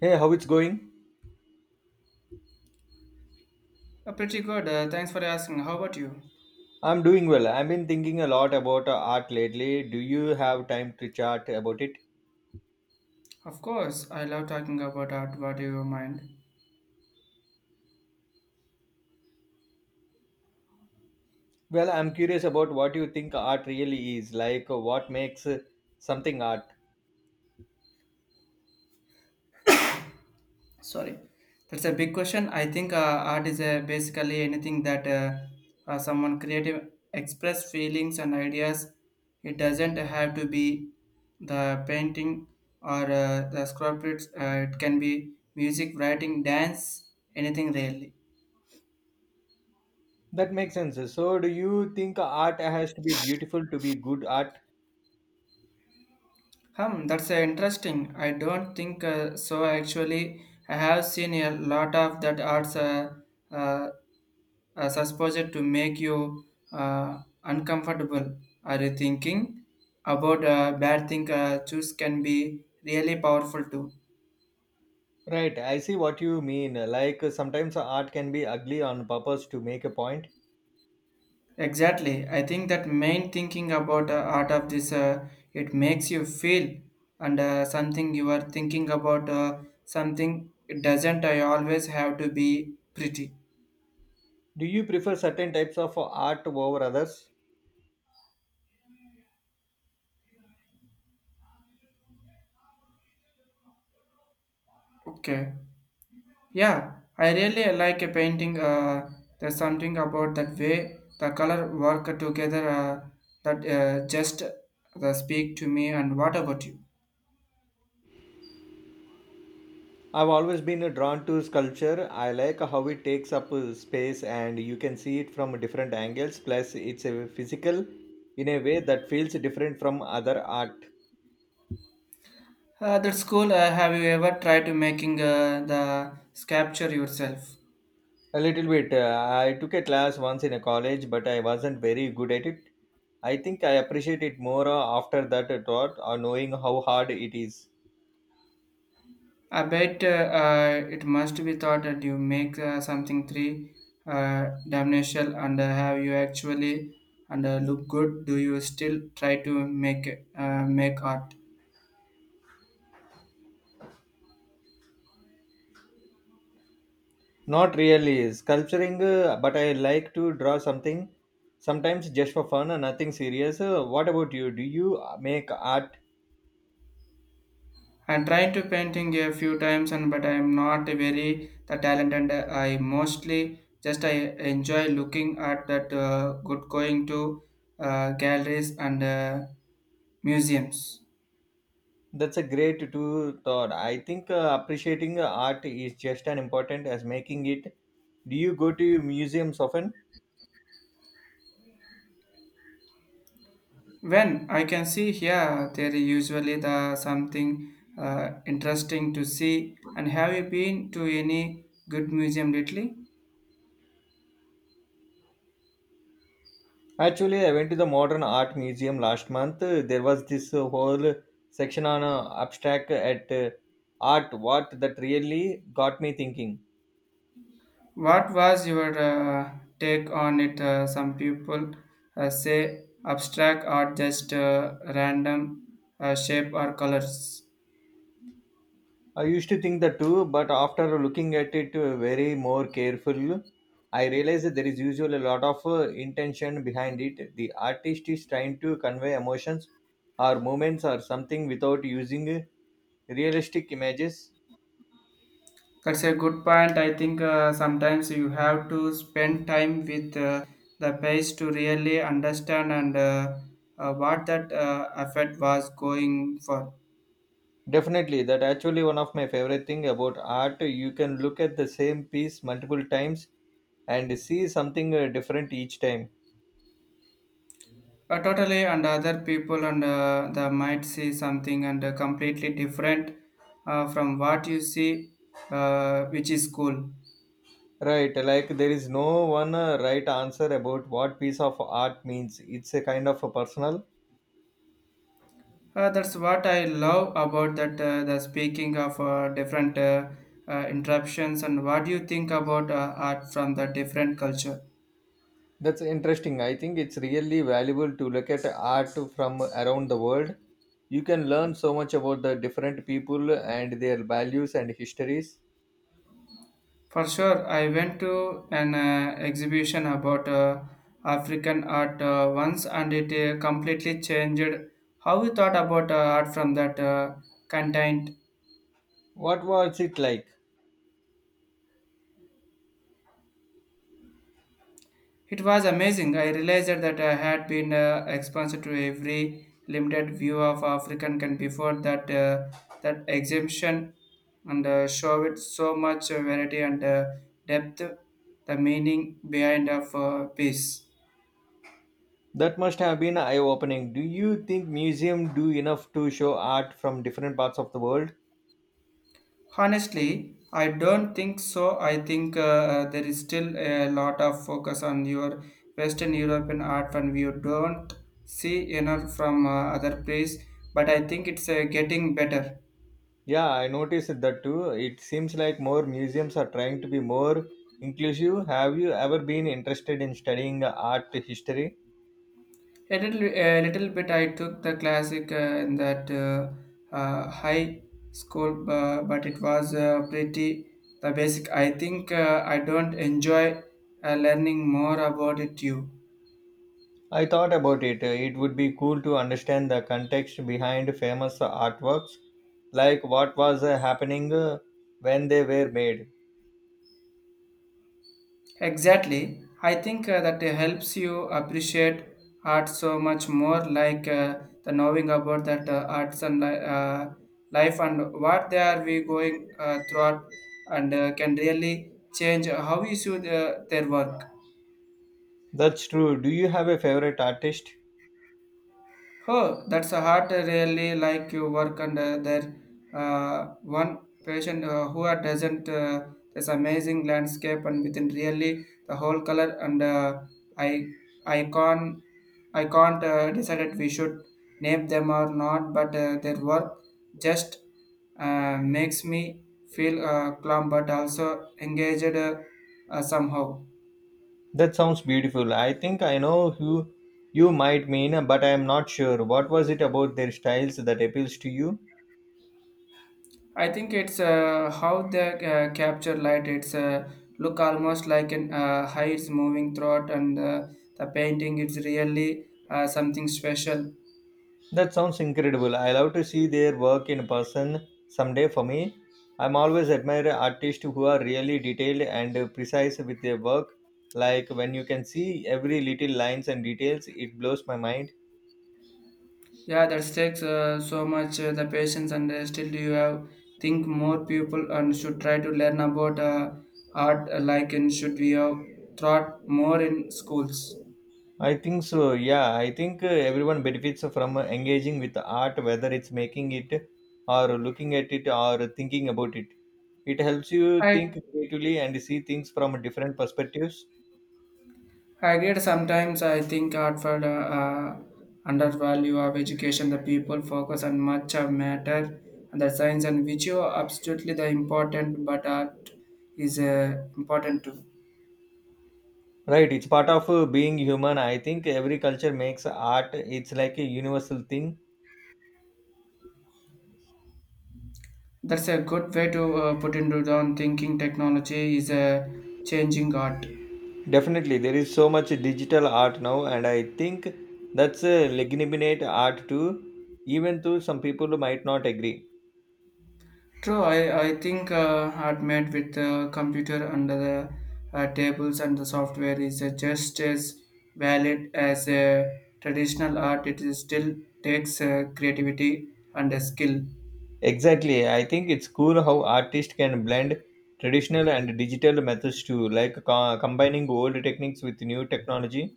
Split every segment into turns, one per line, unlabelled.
Hey, how it's going?
Pretty good. Thanks for asking. How about you?
I'm doing well. I've been thinking a lot about art lately. Do you have time to chat about it?
Of course, I love talking about art. What do you mind?
Well, I'm curious about what you think art really is, like what makes something art.
Sorry, that's a big question. I think art is basically anything that someone creative express feelings and ideas. It doesn't have to be the painting or the sculptures. It can be music, writing, dance, anything really.
That makes sense. So, do you think art has to be beautiful to be good art?
Hmm, that's interesting. I don't think so. Actually, I have seen a lot of that arts uh, supposed to make you uncomfortable. Are you thinking about bad thing? Choose can be really powerful too.
Right, I see what you mean. Like sometimes art can be ugly on purpose to make a point.
Exactly. I think that main thinking about art of this, it makes you feel and something you are thinking about something. It doesn't. I always have to be pretty.
Do you prefer certain types of art over others?
Okay. Yeah, I really like a painting. There's something about that way the color work together that just the speak to me. And what about you?
I've always been drawn to sculpture. I like how it takes up space and you can see it from different angles. Plus, it's a physical in a way that feels different from other art.
That's cool. Have you ever tried to making the sculpture yourself?
A little bit. I took a class once in a college, but I wasn't very good at it. I think I appreciate it more after that thought or knowing how hard it is.
I bet it must be thought that you make something three dimensional and have you actually and look good. Do you still try to make art?
Not really sculpturing, but I like to draw something sometimes just for fun and nothing serious. What about you? Do you make art?
And trying to painting a few times and but I am not very the talent and I mostly just I enjoy looking at that good going to galleries and museums.
That's a great to thought. I think appreciating art is just as important as making it. Do you go to museums often?
When I can see here, there is usually the something interesting to see. And have you been to any good museum lately?
Actually, I went to the Modern Art Museum last month. There was this whole section on abstract at art. What that really got me thinking.
What was your take on it? Some people say abstract art just random shape or colors.
I used to think that too, but after looking at it very more careful, I realized that there is usually a lot of intention behind it. The artist is trying to convey emotions or moments or something without using realistic images.
That's a good point. I think sometimes you have to spend time with the page to really understand and what that effect was going for.
Definitely, that actually one of my favorite thing about art. You can look at the same piece multiple times and see something different each time.
Totally, and other people and the might see something and completely different from what you see, which is cool.
Right, like there is no one right answer about what piece of art means. It's a kind of a personal.
That's what I love about that. The speaking of different interruptions and what do you think about art from the different culture?
That's interesting. I think it's really valuable to look at art from around the world. You can learn so much about the different people and their values and histories.
For sure, I went to an exhibition about African art once, and it completely changed how we thought about art from that content.
What was it like?
It was amazing. I realized that I had been exposed to every limited view of African can before that that exemption and show it so much variety and depth, the meaning behind of peace.
That must have been eye opening. Do you think museums do enough to show art from different parts of the world?
Honestly, I don't think so. I think there is still a lot of focus on your Western European art and you don't see enough from other place. But I think it's getting better.
Yeah, I noticed that too. It seems like more museums are trying to be more inclusive. Have you ever been interested in studying art history?
A little bit. I took the classic in that high school, but it was pretty the basic. I think I don't enjoy learning more about it. You
I thought about it. It would be cool to understand the context behind famous artworks, like what was happening when they were made.
exactly. I think that it helps you appreciate art so much more, like the knowing about that arts and life and what they are we going throughout, and can really change how you see the, their work.
That's true. Do you have a favorite artist?
Oh, that's a heart really like you work under there. One patient who had doesn't this amazing landscape and within really the whole color and I I can't I can't decided we should name them or not, but their work just makes me feel calm but also engaged somehow.
That sounds beautiful. I think I know who you might mean, but I am not sure. What was it about their styles that appeals to you?
I think it's how they capture light. It's look almost like an heights moving throughout, and the painting is really something special.
That sounds incredible. I love to see their work in person someday for me. I'm always admire artists who are really detailed and precise with their work. Like when you can see every little lines and details, it blows my mind.
Yeah, that takes so much the patience, and still you have think more people and should try to learn about art like and should we have taught more in schools.
I think so. Yeah, I think everyone benefits from engaging with art, whether it's making it or looking at it or thinking about it. It helps you
I
think creatively and see things from different perspectives.
I agree. Sometimes I think Hartford undervalue of education. The people focus on much of matter and the science and which are absolutely the important, but art is important too.
Right, it's part of being human. I think every culture makes art. It's like a universal thing.
That's a good way to put into down thinking. Technology is changing art.
Definitely, there is so much digital art now, and I think that's a legitimate art too. Even though some people might not agree.
True, I think hard made with the computer under the tables and the software is just as valid as a traditional art. It is still takes creativity and a skill.
Exactly, I think it's cool how artists can blend traditional and digital methods too, like combining old techniques with new technology.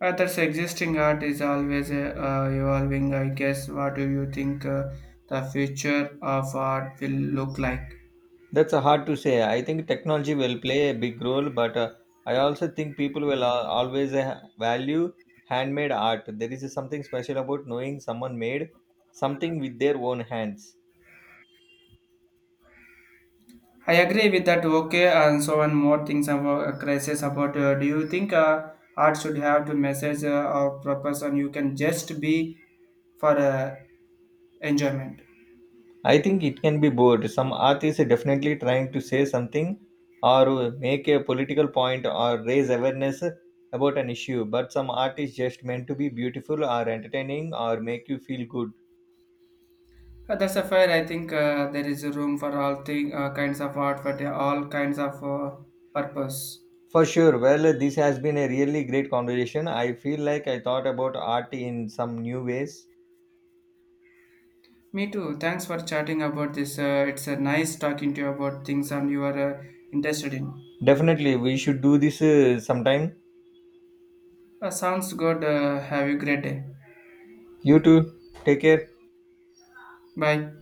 That's existing art is always evolving. I guess. What do you think the future of art will look like?
That's hard to say. I think technology will play a big role, but I also think people will always value handmade art. There is something special about knowing someone made something with their own hands.
I agree with that. Okay, and so one more things about crisis. About do you think art should have to message or purpose, and you can just be for enjoyment?
I think it can be both. Some art is definitely trying to say something or make a political point or raise awareness about an issue, but some art is just meant to be beautiful or entertaining or make you feel good.
That's a fair. I think there is a room for all thing, kinds of art for the, all kinds of purpose.
For sure. Well, this has been a really great conversation. I feel like I thought about art in some new ways.
Me too. Thanks for chatting about this. It's nice talking to you about things and you are interested in.
Definitely, we should do this sometime.
Sounds good. Have a great day.
You too. Take care.
Bye.